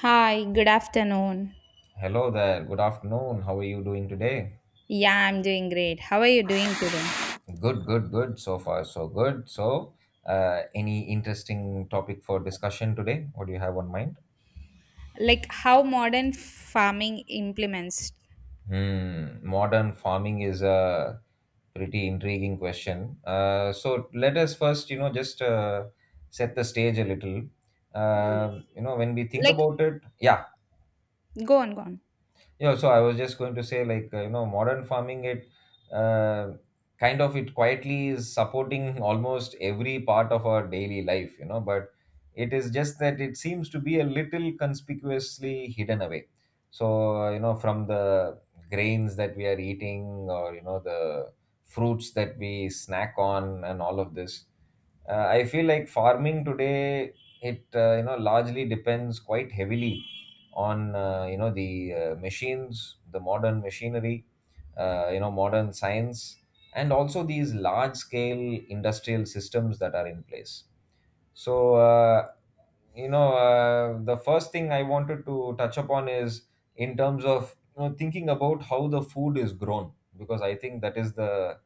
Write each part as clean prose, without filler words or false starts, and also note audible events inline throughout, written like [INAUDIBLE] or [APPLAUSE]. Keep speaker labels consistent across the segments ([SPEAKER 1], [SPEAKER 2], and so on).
[SPEAKER 1] Hi, good afternoon.
[SPEAKER 2] Hello there. Good afternoon. How are you doing today?
[SPEAKER 1] Yeah, I'm doing great. How are you doing today?
[SPEAKER 2] Good, good, good. So far, so good. So, any interesting topic for discussion today? What do you have on mind?
[SPEAKER 1] Like how modern farming implements.
[SPEAKER 2] Hmm. Modern farming is a pretty intriguing question. So let us first, you know, just set the stage a little. When we think
[SPEAKER 1] Like
[SPEAKER 2] about it, yeah.
[SPEAKER 1] go on, go on.
[SPEAKER 2] Yeah, so I was just going to say, modern farming, it uh, kind of it quietly is supporting [LAUGHS] almost every part of our daily life, but it is just that it seems to be a little conspicuously hidden away. So from the grains that we are eating or the fruits that we snack on and all of this, I feel like farming today, it largely depends quite heavily on you know the machines, the modern machinery, modern science, and also these large scale industrial systems that are in place. So the first thing I wanted to touch upon is in terms of, thinking about how the food is grown, because I think that is the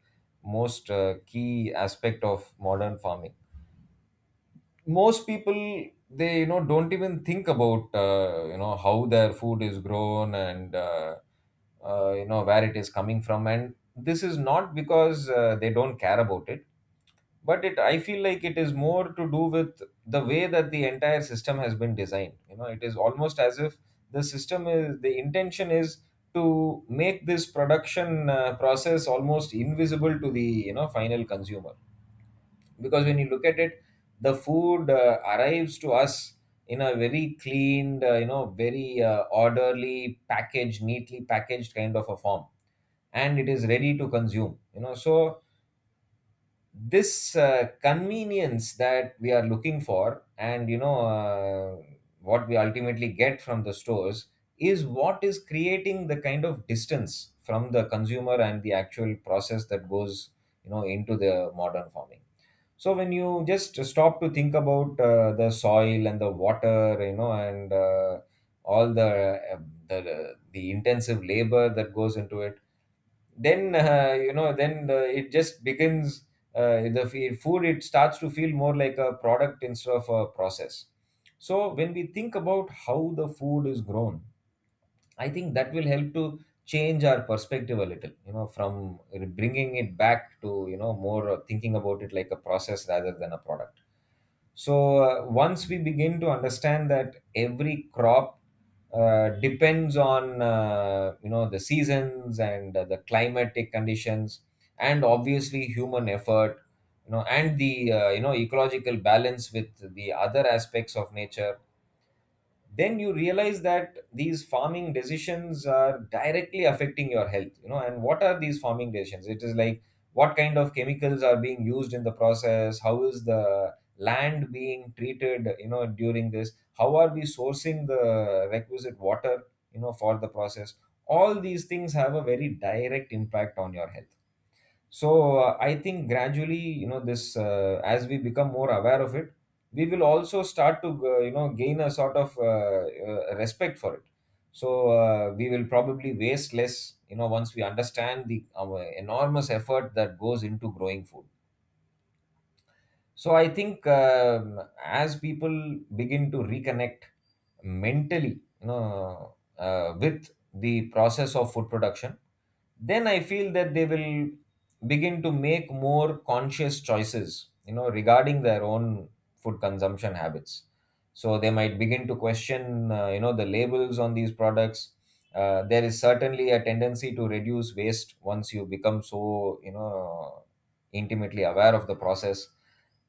[SPEAKER 2] most key aspect of modern farming. Most people, they, don't even think about how their food is grown and where it is coming from. And this is not because they don't care about it, but it I feel like it is more to do with the way that the entire system has been designed. You know, it is almost as if the intention is to make this production process almost invisible to the, you know, final consumer. Because when you look at it, the food arrives to us in a very cleaned, very, orderly packaged, neatly packaged kind of a form, and it is ready to consume. You know, so this convenience that we are looking for, and what we ultimately get from the stores is what is creating the kind of distance from the consumer and the actual process that goes, you know, into the modern farming. So when you just stop to think about the soil and the water, you know, and all the, the intensive labor that goes into it, then, it just begins. The food, it starts to feel more like a product instead of a process. So when we think about how the food is grown, I think that will help to change our perspective a little, you know, from bringing it back to, you know more thinking about it like a process rather than a product. So once we begin to understand that every crop depends on, the seasons and the climatic conditions, and obviously human effort, you know, and the, ecological balance with the other aspects of nature, then you realize that these farming decisions are directly affecting your health. You know, and what are these farming decisions? It is like, what kind of chemicals are being used in the process? How is the land being treated, you know, during this? How are we sourcing the requisite water, you know, for the process? All these things have a very direct impact on your health. So I think gradually, you know, this as we become more aware of it, we will also start to, gain a sort of respect for it. So we will probably waste less, you know, once we understand the our enormous effort that goes into growing food. So I think, as people begin to reconnect mentally, with the process of food production, then I feel that they will begin to make more conscious choices, you know, regarding their own food consumption habits. So they might begin to question, the labels on these products. There is certainly a tendency to reduce waste once you become so, you know, intimately aware of the process.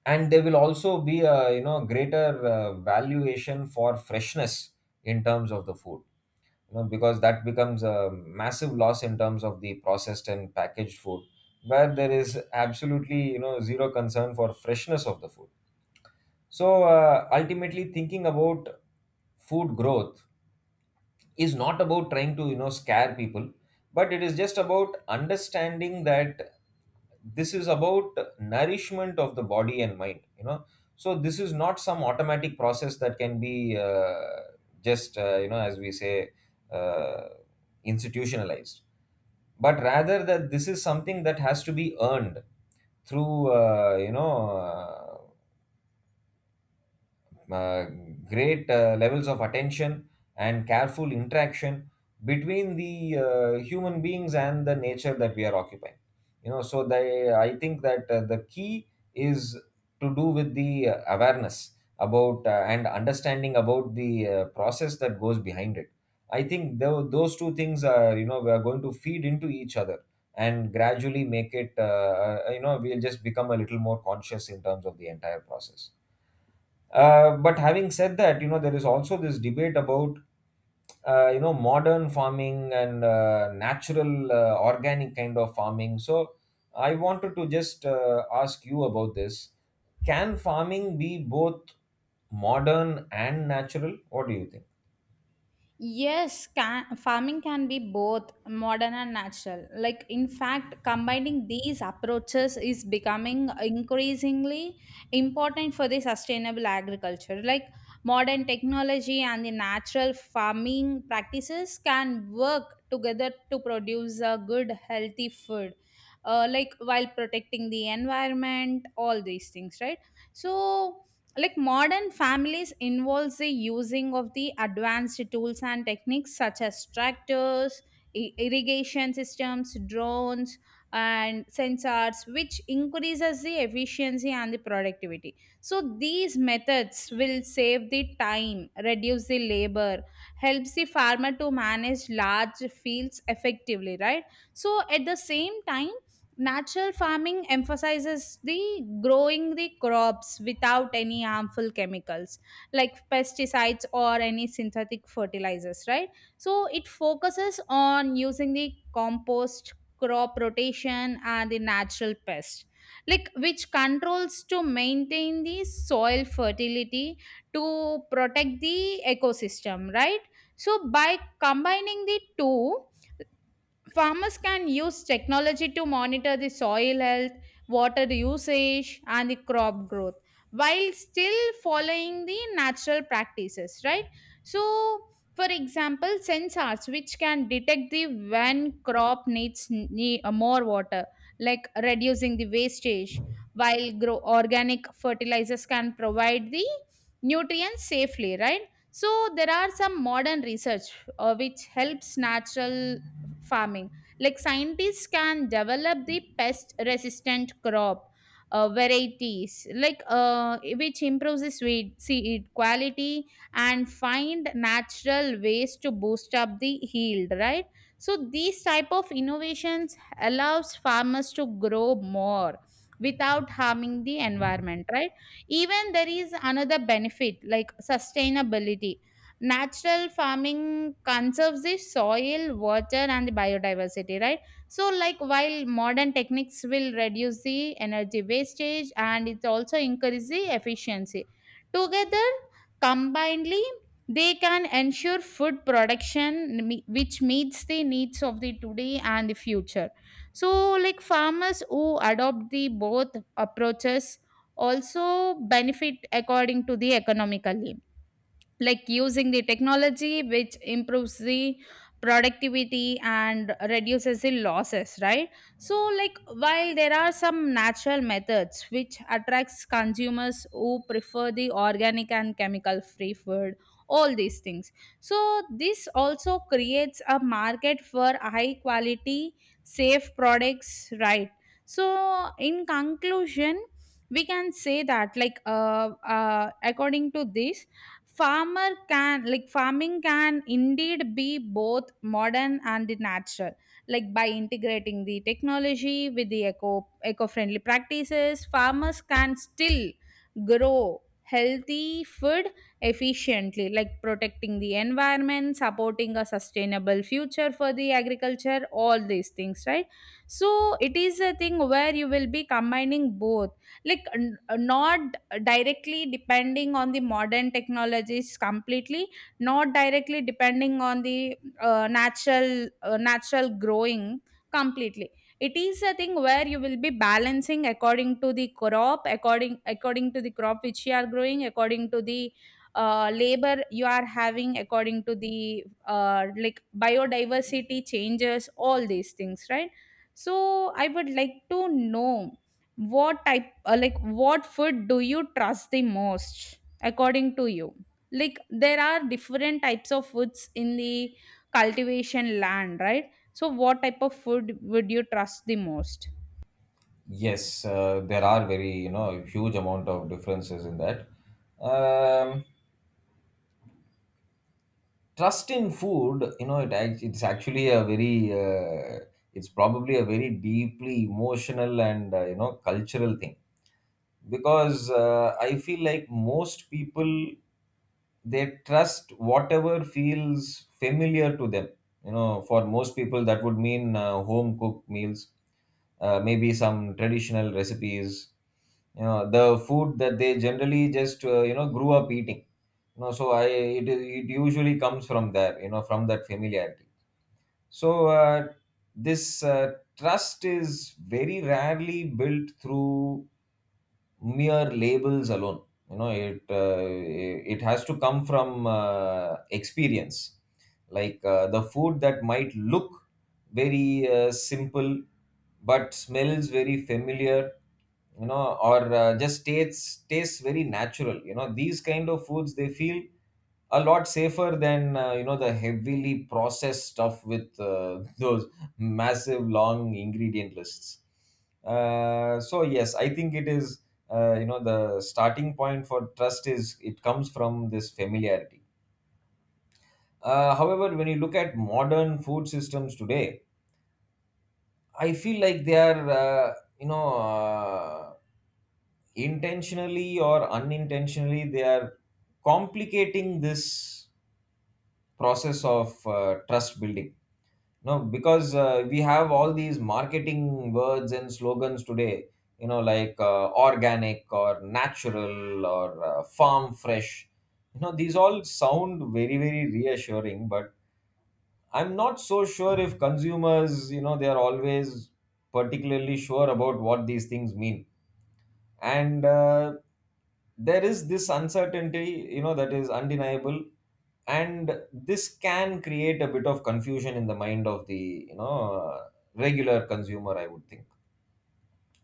[SPEAKER 2] And there will also be a, you know, greater valuation for freshness in terms of the food, you know, because that becomes a massive loss in terms of the processed and packaged food, where there is absolutely, you know, zero concern for freshness of the food. So ultimately, thinking about food growth is not about trying to, you know, scare people, but it is just about understanding that this is about nourishment of the body and mind. You know, so this is not some automatic process that can be, just you know, as we say, uh, institutionalized, but rather that this is something that has to be earned through, you know uh, great levels of attention and careful interaction between the, human beings and the nature that we are occupying. You know so they, I think that, the key is to do with the, awareness about, and understanding about the, process that goes behind it. I think those two things are, you know, we are going to feed into each other and gradually make it, you know, we'll just become a little more conscious in terms of the entire process. But having said that, you know, there is also this debate about, modern farming and, natural, organic kind of farming. So I wanted to just, ask you about this. Can farming be both modern and natural? What do you think?
[SPEAKER 1] Yes, can, farming can be both modern and natural. Like, in fact, combining these approaches is becoming increasingly important for the sustainable agriculture. Like, modern technology and the natural farming practices can work together to produce a good, healthy food. Like while protecting the environment, all these things, right? So like modern families involves the using of the advanced tools and techniques such as tractors, irrigation systems, drones and sensors, which increases the efficiency and the productivity. So these methods will save the time, reduce the labor, helps the farmer to manage large fields effectively, right? So at the same time, natural farming emphasizes the growing the crops without any harmful chemicals like pesticides or any synthetic fertilizers, right? So it focuses on using the compost, crop rotation, and the natural pest, like which controls to maintain the soil fertility, to protect the ecosystem, right? So by combining the two, farmers can use technology to monitor the soil health, water usage, and the crop growth while still following the natural practices, right? So, for example, sensors which can detect the when crop needs more water, like reducing the wastage, while grow organic fertilizers can provide the nutrients safely, right? So there are some modern research which helps natural farming. Like scientists can develop the pest resistant crop varieties, like which improves the seed quality and find natural ways to boost up the yield. Right. So these type of innovations allows farmers to grow more without harming the environment, right? Even there is another benefit like sustainability. Natural farming conserves the soil, water and the biodiversity, right? So like while modern techniques will reduce the energy wastage and it also increase the efficiency, together combinedly, they can ensure food production which meets the needs of the today and the future. So like farmers who adopt the both approaches also benefit according to the economically, like using the technology which improves the productivity and reduces the losses, right? So like while there are some natural methods which attracts consumers who prefer the organic and chemical free food, all these things. So this also creates a market for high quality, safe products, right? So in conclusion, we can say that according to this, farmer can, like farming can indeed be both modern and natural, like by integrating the technology with the eco-friendly practices, farmers can still grow healthy food efficiently, like protecting the environment, supporting a sustainable future for the agriculture, all these things, right? So it is a thing where you will be combining both, like not directly depending on the modern technologies completely, not directly depending on the natural growing completely. It is a thing where you will be balancing according to the crop, according to the crop which you are growing, according to the labor you are having, according to the like biodiversity changes, all these things, right? So I would like to know what type, like what food do you trust the most according to you. Like there are different types of foods in the cultivation land, right? So what type of food would you trust the most?
[SPEAKER 2] Yes, there are very, you know, huge amount of differences in that. Um, Trust in food, you know, it's actually a very, uh, it's probably a very deeply emotional and, cultural thing, because, I feel like most people, they trust whatever feels familiar to them. You know, for most people that would mean, home cooked meals, maybe some traditional recipes, you know, the food that they generally just, grew up eating. You know, so it usually comes from there, you know, from that familiarity. So this trust is very rarely built through mere labels alone. You know, it has to come from, experience. Like, the food that might look very, simple but smells very familiar, you know, or just tastes very natural. You know, these kind of foods, they feel a lot safer than, you know, the heavily processed stuff with, [LAUGHS] those massive long ingredient lists. So yes, I think it is, you know, the starting point for trust is it comes from this familiarity. However, when you look at modern food systems today, I feel like they are, you know uh, intentionally or unintentionally, they are complicating this process of, trust building. No, because, we have all these marketing words and slogans today, you know, like, organic, or natural, or, farm fresh. You know, these all sound very, very reassuring, but I'm not so sure if consumers, you know, they are always particularly sure about what these things mean. And there is this uncertainty, you know, that is undeniable, and this can create a bit of confusion in the mind of the, you know, regular consumer, I would think.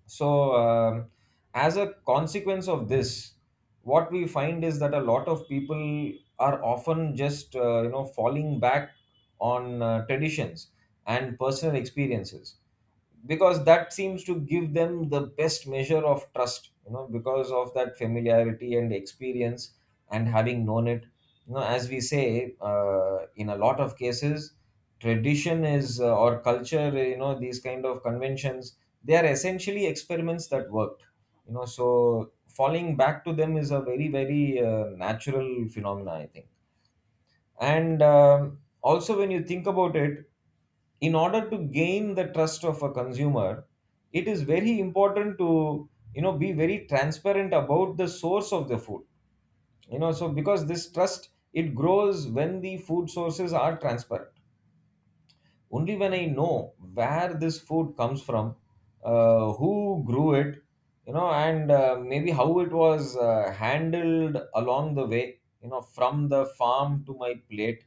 [SPEAKER 2] So, as a consequence of this, what we find is that a lot of people are often just, falling back on, traditions and personal experiences, because that seems to give them the best measure of trust, you know, because of that familiarity and experience and having known it. You know, as we say, in a lot of cases, tradition is, or culture, you know, these kind of conventions, they are essentially experiments that worked. You know, so falling back to them is a very, very, natural phenomena, I think. And also when you think about it, in order to gain the trust of a consumer, it is very important to, you know, be very transparent about the source of the food. You know, so because this trust, it grows when the food sources are transparent. Only when I know where this food comes from, who grew it, you know, and maybe how it was, handled along the way, you know, from the farm to my plate.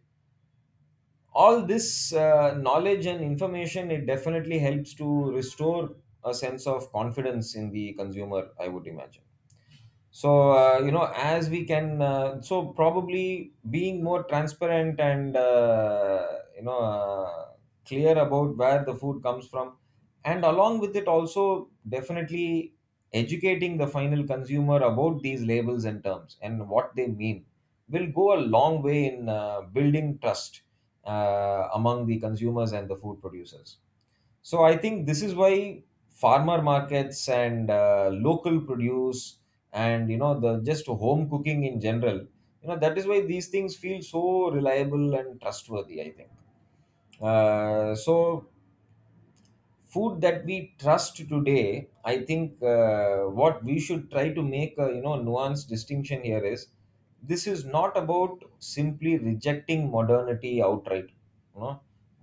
[SPEAKER 2] All this knowledge and information, it definitely helps to restore a sense of confidence in the consumer, I would imagine. So you know as we can so probably being more transparent and you know uh, clear about where the food comes from, and along with it, also definitely educating the final consumer about these Labels and terms and what they mean will go a long way in building trust among the consumers and the food producers. So I think this is why farmer markets and local produce and the just home cooking in general, that is why these things feel so reliable and trustworthy, I think. So food that we trust today, I think, what we should try to make a nuanced distinction here is, this is not about simply rejecting modernity outright, you know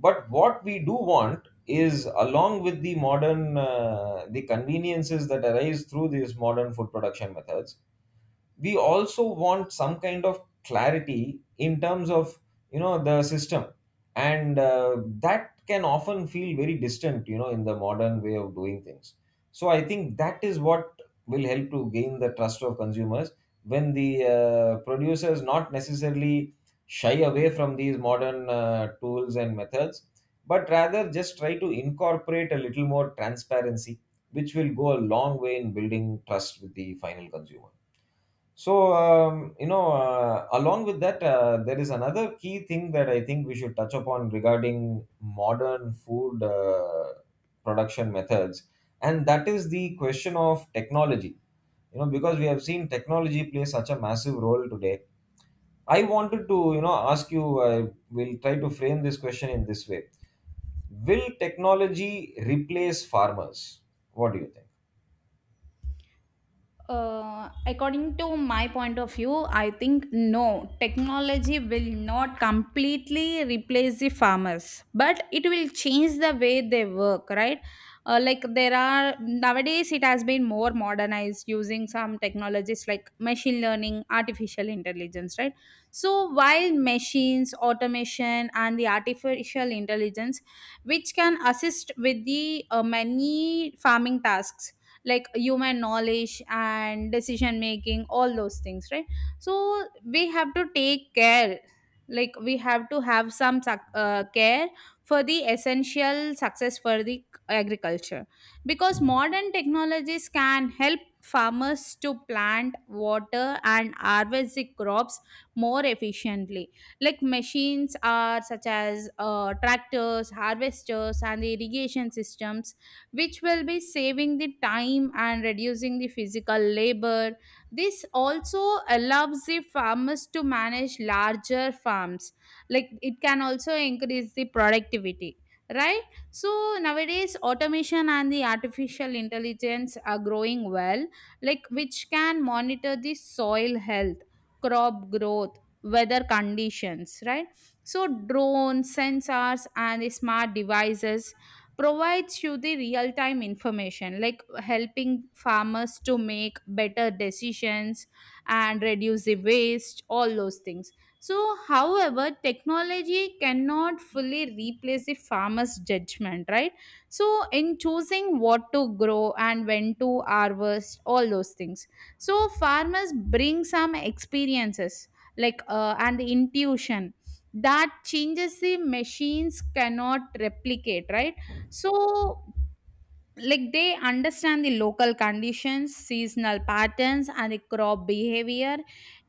[SPEAKER 2] but what we do want is, along with the modern the conveniences that arise through these modern food production methods, we also want some kind of clarity in terms of, the system, and that can often feel very distant, in the modern way of doing things. So I think that is what will help to gain the trust of consumers, when the producers not necessarily shy away from these modern tools and methods, but rather just try to incorporate a little more transparency, which will go a long way in building trust with the final consumer. So, along with that, there is another key thing that I think we should touch upon regarding modern food production methods, and that is the question of technology. You know, because we have seen technology play such a massive role today. I wanted to, ask you, we'll try to frame this question in this way. Will technology replace farmers? What do you think?
[SPEAKER 1] According to my point of view, I think no, technology will not completely replace the farmers, but it will change the way they work, right? Like there are nowadays it has been more modernized using some technologies like machine learning, artificial intelligence, right? So while machines, automation and the artificial intelligence, which can assist with the many farming tasks, like human knowledge and decision making, all those things, right? So we have to take care, like we have to have some care for the essential success for the agriculture, because modern technologies can help farmers to plant, water and harvest the crops more efficiently, like machines are such as tractors, harvesters and the irrigation systems, which will be saving the time and reducing the physical labor. This also allows the farmers to manage larger farms, like it can also increase the productivity. Right, so nowadays automation and the artificial intelligence are growing well, like which can monitor the soil health, crop growth, weather conditions, right? So, drones, sensors, and the smart devices provides you the real time information, like helping farmers to make better decisions and reduce the waste, all those things. So however, technology cannot fully replace the farmer's judgment, right? So in choosing what to grow and when to harvest, all those things. So farmers bring some experiences, like and the intuition, that changes the machines cannot replicate, right? So, like they understand the local conditions, seasonal patterns, and the crop behavior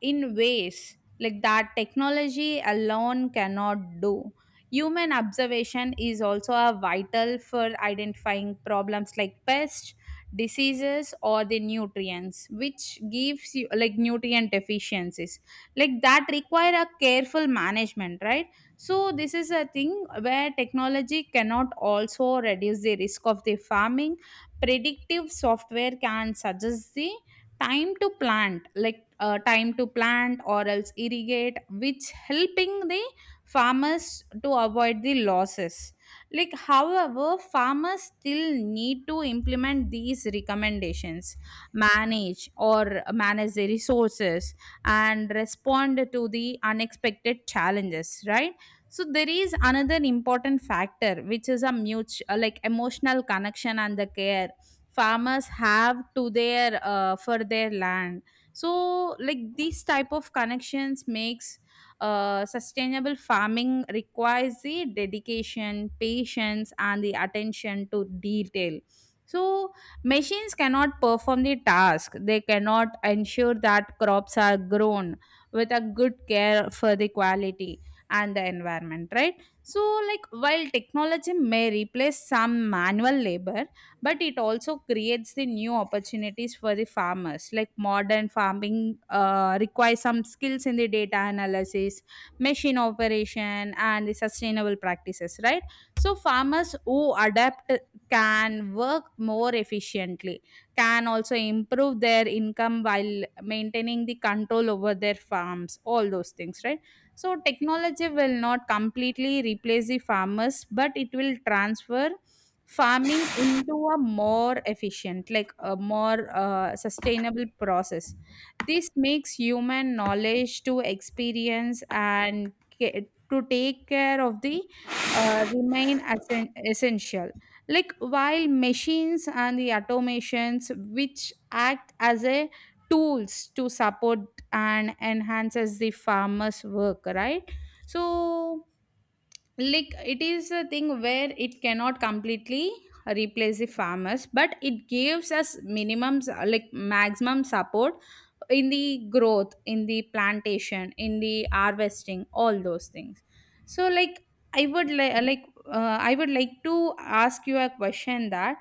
[SPEAKER 1] in ways like that technology alone cannot do. Human observation is also a vital for identifying problems like pests, diseases, or the nutrients, which gives you like nutrient deficiencies. Like that require a careful management, right? So this is a thing where technology cannot also reduce the risk of the farming. Predictive software can suggest the time to plant, like time to plant or else irrigate, which helping the farmers to avoid the losses, like however farmers still need to implement these recommendations, manage the resources and respond to the unexpected challenges, right? So there is another important factor, which is a mutual like emotional connection and the care farmers have to their for their land. So like these type of connections makes sustainable farming requires the dedication, patience and the attention to detail. So machines cannot perform the task, they cannot ensure that crops are grown with a good care for the quality and the environment, right? So like while technology may replace some manual labor, but it also creates the new opportunities for the farmers, like modern farming requires some skills in the data analysis, machine operation and the sustainable practices, right? So farmers who adapt can work more efficiently, can also improve their income while maintaining the control over their farms, all those things, right? So, technology will not completely replace the farmers, but it will transfer farming into a more efficient, like a more sustainable process. This makes human knowledge to experience and to take care of the essential, like while machines and the automations which act as a tools to support and enhances the farmer's work, right? So like it is a thing where it cannot completely replace the farmers, but it gives us minimums, like maximum support in the growth, in the plantation, in the harvesting, all those things. So like i would li- like I would like to ask you a question that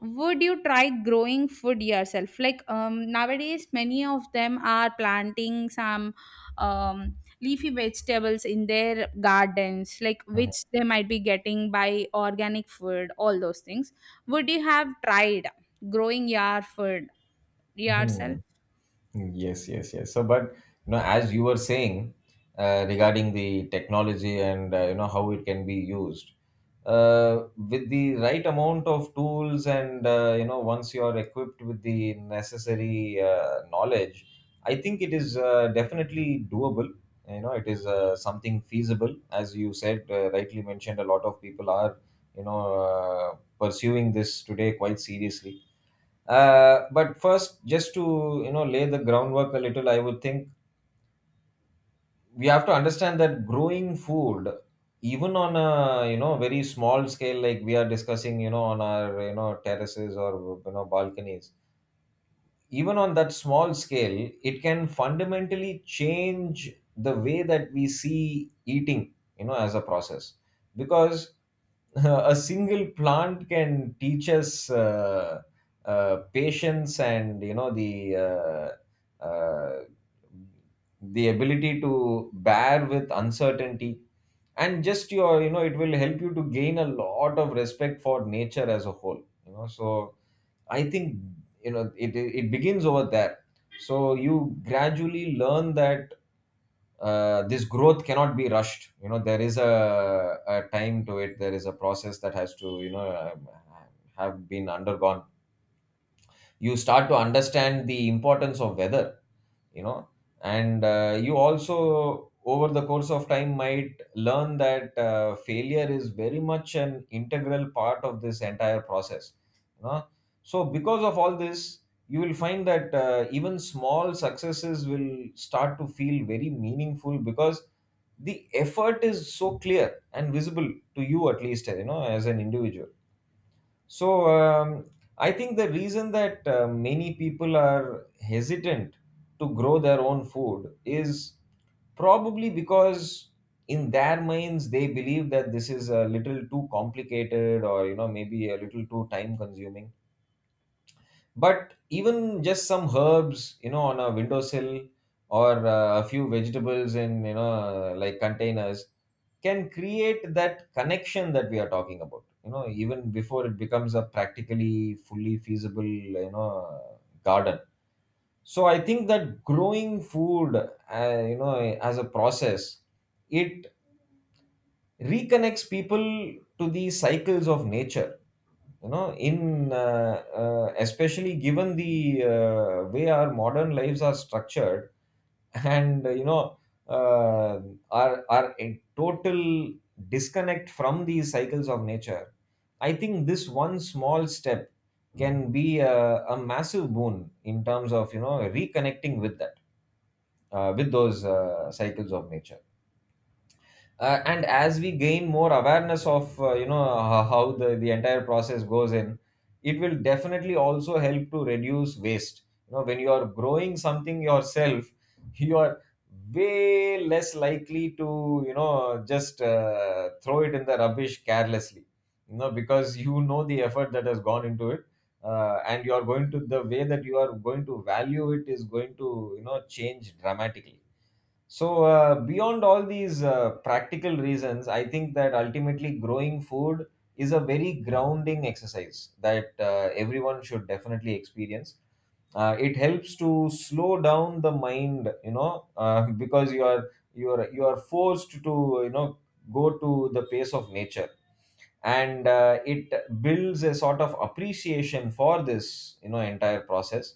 [SPEAKER 1] would you try growing food yourself, like nowadays many of them are planting some um, leafy vegetables in their gardens, like
[SPEAKER 2] Mhm.
[SPEAKER 1] which they might be getting by organic food, all those things. Would you have tried growing your food yourself?
[SPEAKER 2] Mhm. Yes, yes, yes. So, but you know, as you were saying, regarding the technology and you know how it can be used with the right amount of tools and, you know, once you are equipped with the necessary knowledge, I think it is definitely doable. You know, it is something feasible, as you said, rightly mentioned. A lot of people are, you know uh, pursuing this today quite seriously, but first, just to, you know, lay the groundwork a little, I would think we have to understand that growing food, even on a, you know, very small scale, like we are discussing, you know, on our, you know, terraces or, you know, balconies, even on that small scale, it can fundamentally change the way that we see eating, you know, as a process. Because [LAUGHS] a single plant can teach us patience and, you know, the ability to bear with uncertainty, and just your, it will help you to gain a lot of respect for nature as a whole, you know. So I think, it begins over there. So you gradually learn that this growth cannot be rushed, you know. There is a time to it, there is a process that has to, have been undergone. You start to understand the importance of weather, you know, and you also, over the course of time, might learn that failure is very much an integral part of this entire process, you know. So because of all this, you will find that even small successes will start to feel very meaningful because the effort is so clear and visible to you, at least, you know, as an individual. So I think the reason that many people are hesitant to grow their own food is probably because in their minds they believe that this is a little too complicated or, you know, maybe a little too time consuming. But even just some herbs, on a windowsill, or a few vegetables in, you know, like containers, can create that connection that we are talking about, even before it becomes a practically fully feasible, you know garden. So I think that growing food, as a process, it reconnects people to the cycles of nature, you know, in especially given the way our modern lives are structured, [LAUGHS] and, uh, are our a total disconnect from these cycles of nature. I think this one small step can be a massive boon in terms of, you know, reconnecting with that, with those cycles of nature. And as we gain more awareness of, how the entire process goes in, it will definitely also help to reduce waste, you know. When you are growing something yourself [LAUGHS] you are way less likely to, just throw it in the rubbish carelessly, you know, because you know the effort that has gone into it. And you are going to the way that you are going to value it is going to, you know, change dramatically. So, beyond all these practical reasons, I think that ultimately growing food is a very grounding exercise that everyone should definitely experience. It helps to slow down the mind, you know, [LAUGHS] because you are forced to, you know, go to the pace of nature, and it builds a sort of appreciation for this, you know, entire process.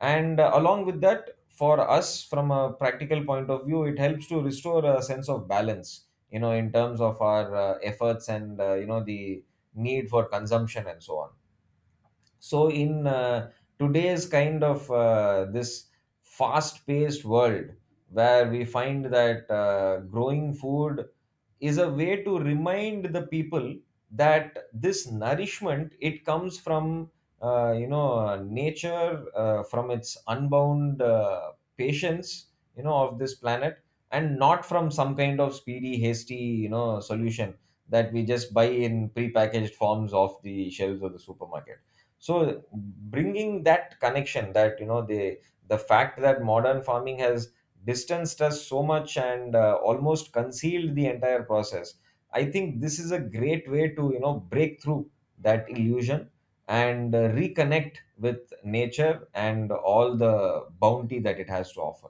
[SPEAKER 2] And, along with that, for us, from a practical point of view, it helps to restore a sense of balance, you know, in terms of our efforts and, you know, the need for consumption and so on. So in uh, today's kind of this fast paced world, where we find that growing food is a way to remind the people that this nourishment, it comes from, nature, from its unbound patience, you know, of this planet, and not from some kind of speedy hasty, solution that we just buy in prepackaged forms off the shelves of the supermarket. So, bringing that connection, that, you know, the fact that modern farming has distanced us so much and almost concealed the entire process, I think this is a great way to, break through that illusion and reconnect with nature and all the bounty that it has to offer.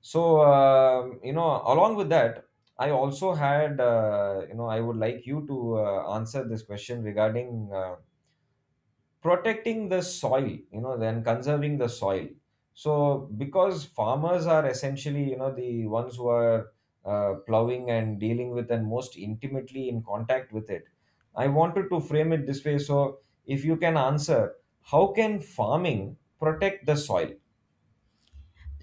[SPEAKER 2] So, you know, along with that, I also had, I would like you to answer this question regarding, protecting the soil, you know, then conserving the soil. So, because farmers are essentially, you know, the ones who are plowing and dealing with and most intimately in contact with it, I wanted to frame it this way. So, if you can answer, how can farming protect the soil?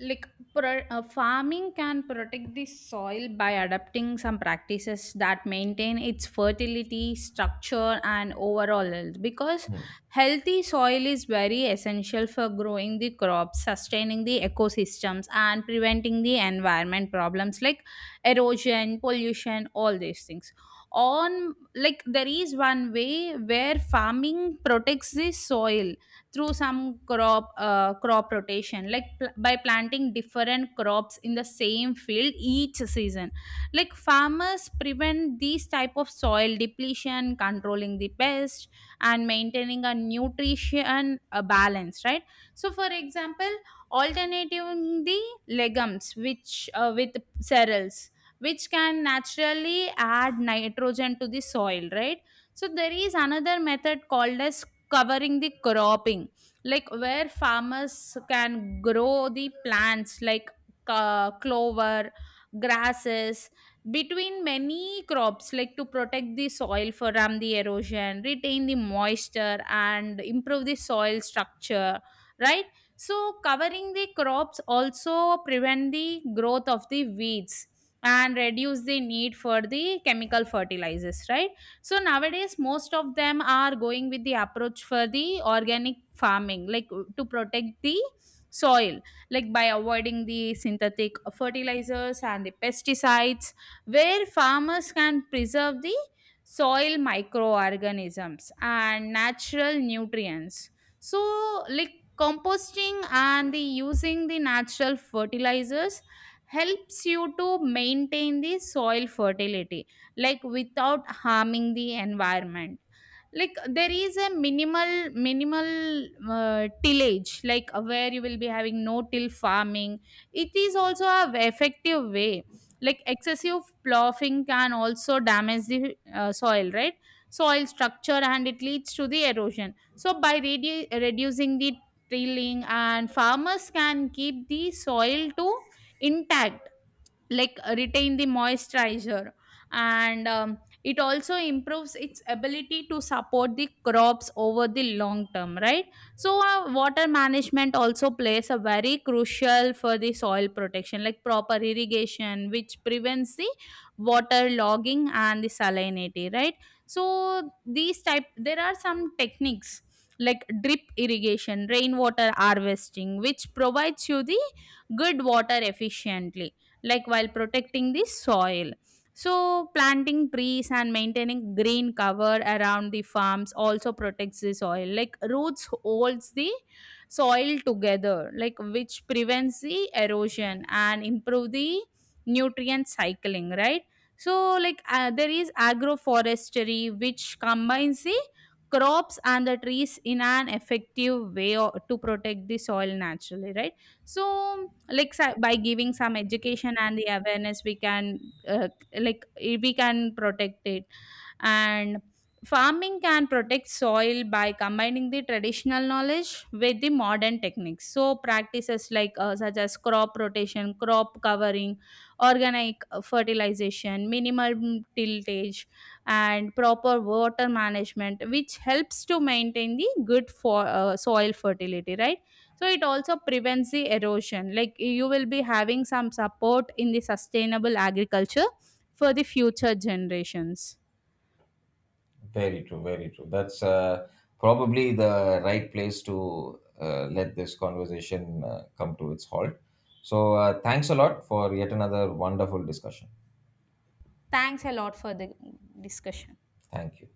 [SPEAKER 1] like Farming can protect the soil by adapting some practices that maintain its fertility, structure and overall health, because
[SPEAKER 2] Hmm.
[SPEAKER 1] healthy soil is very essential for growing the crops, sustaining the ecosystems and preventing the environment problems like erosion, pollution, all these things. On, like there is one way where farming protects the soil through some crop rotation, like by planting different crops in the same field each season, like farmers prevent these type of soil depletion, controlling the pest and maintaining a nutrition balance, right? So for example, alternating the legumes which with cereals, which can naturally add nitrogen to the soil, right? So there is another method called as covering the cropping, like where farmers can grow the plants like clover, grasses, between many crops, like to protect the soil from the erosion, retain the moisture and improve the soil structure, right? So covering the crops also prevent the growth of the weeds and reduce the need for the chemical fertilizers, right? So nowadays, most of them are going with the approach for the organic farming, like to protect the soil, like by avoiding the synthetic fertilizers and the pesticides, where farmers can preserve the soil microorganisms and natural nutrients. So, like composting and the using the natural fertilizers helps you to maintain the soil fertility like without harming the environment. Like there is a minimal minimal tillage, like where you will be having no till farming, it is also a effective way, like excessive ploughing can also damage the soil, right? Soil structure and it leads to the erosion, so by reducing the tilling, and farmers can keep the soil to intact, like retain the moisturizer, and it also improves its ability to support the crops over the long term, right? So water management also plays a very crucial for the soil protection, like proper irrigation which prevents the water logging and the salinity, right? So these type there are some techniques like drip irrigation, rainwater harvesting, which provides you the good water efficiently, like while protecting the soil. So, planting trees and maintaining green cover around the farms also protects the soil. Like roots holds the soil together, like which prevents the erosion and improve the nutrient cycling, right? So, like there is agroforestry, which combines the crops and the trees in an effective way to protect the soil naturally, right? So, by giving some education and the awareness, we can, we can protect it. And farming can protect soil by combining the traditional knowledge with the modern techniques, so practices like such as crop rotation, crop covering, organic fertilization, minimal tiltage and proper water management, which helps to maintain the good for soil fertility, right? So it also prevents the erosion. Like you will be having some support in the sustainable agriculture for the future generations.
[SPEAKER 2] Very true, very true. That's probably the right place to let this conversation come to its halt. So, thanks a lot for yet another wonderful discussion.
[SPEAKER 1] Thanks a lot for the discussion.
[SPEAKER 2] Thank you.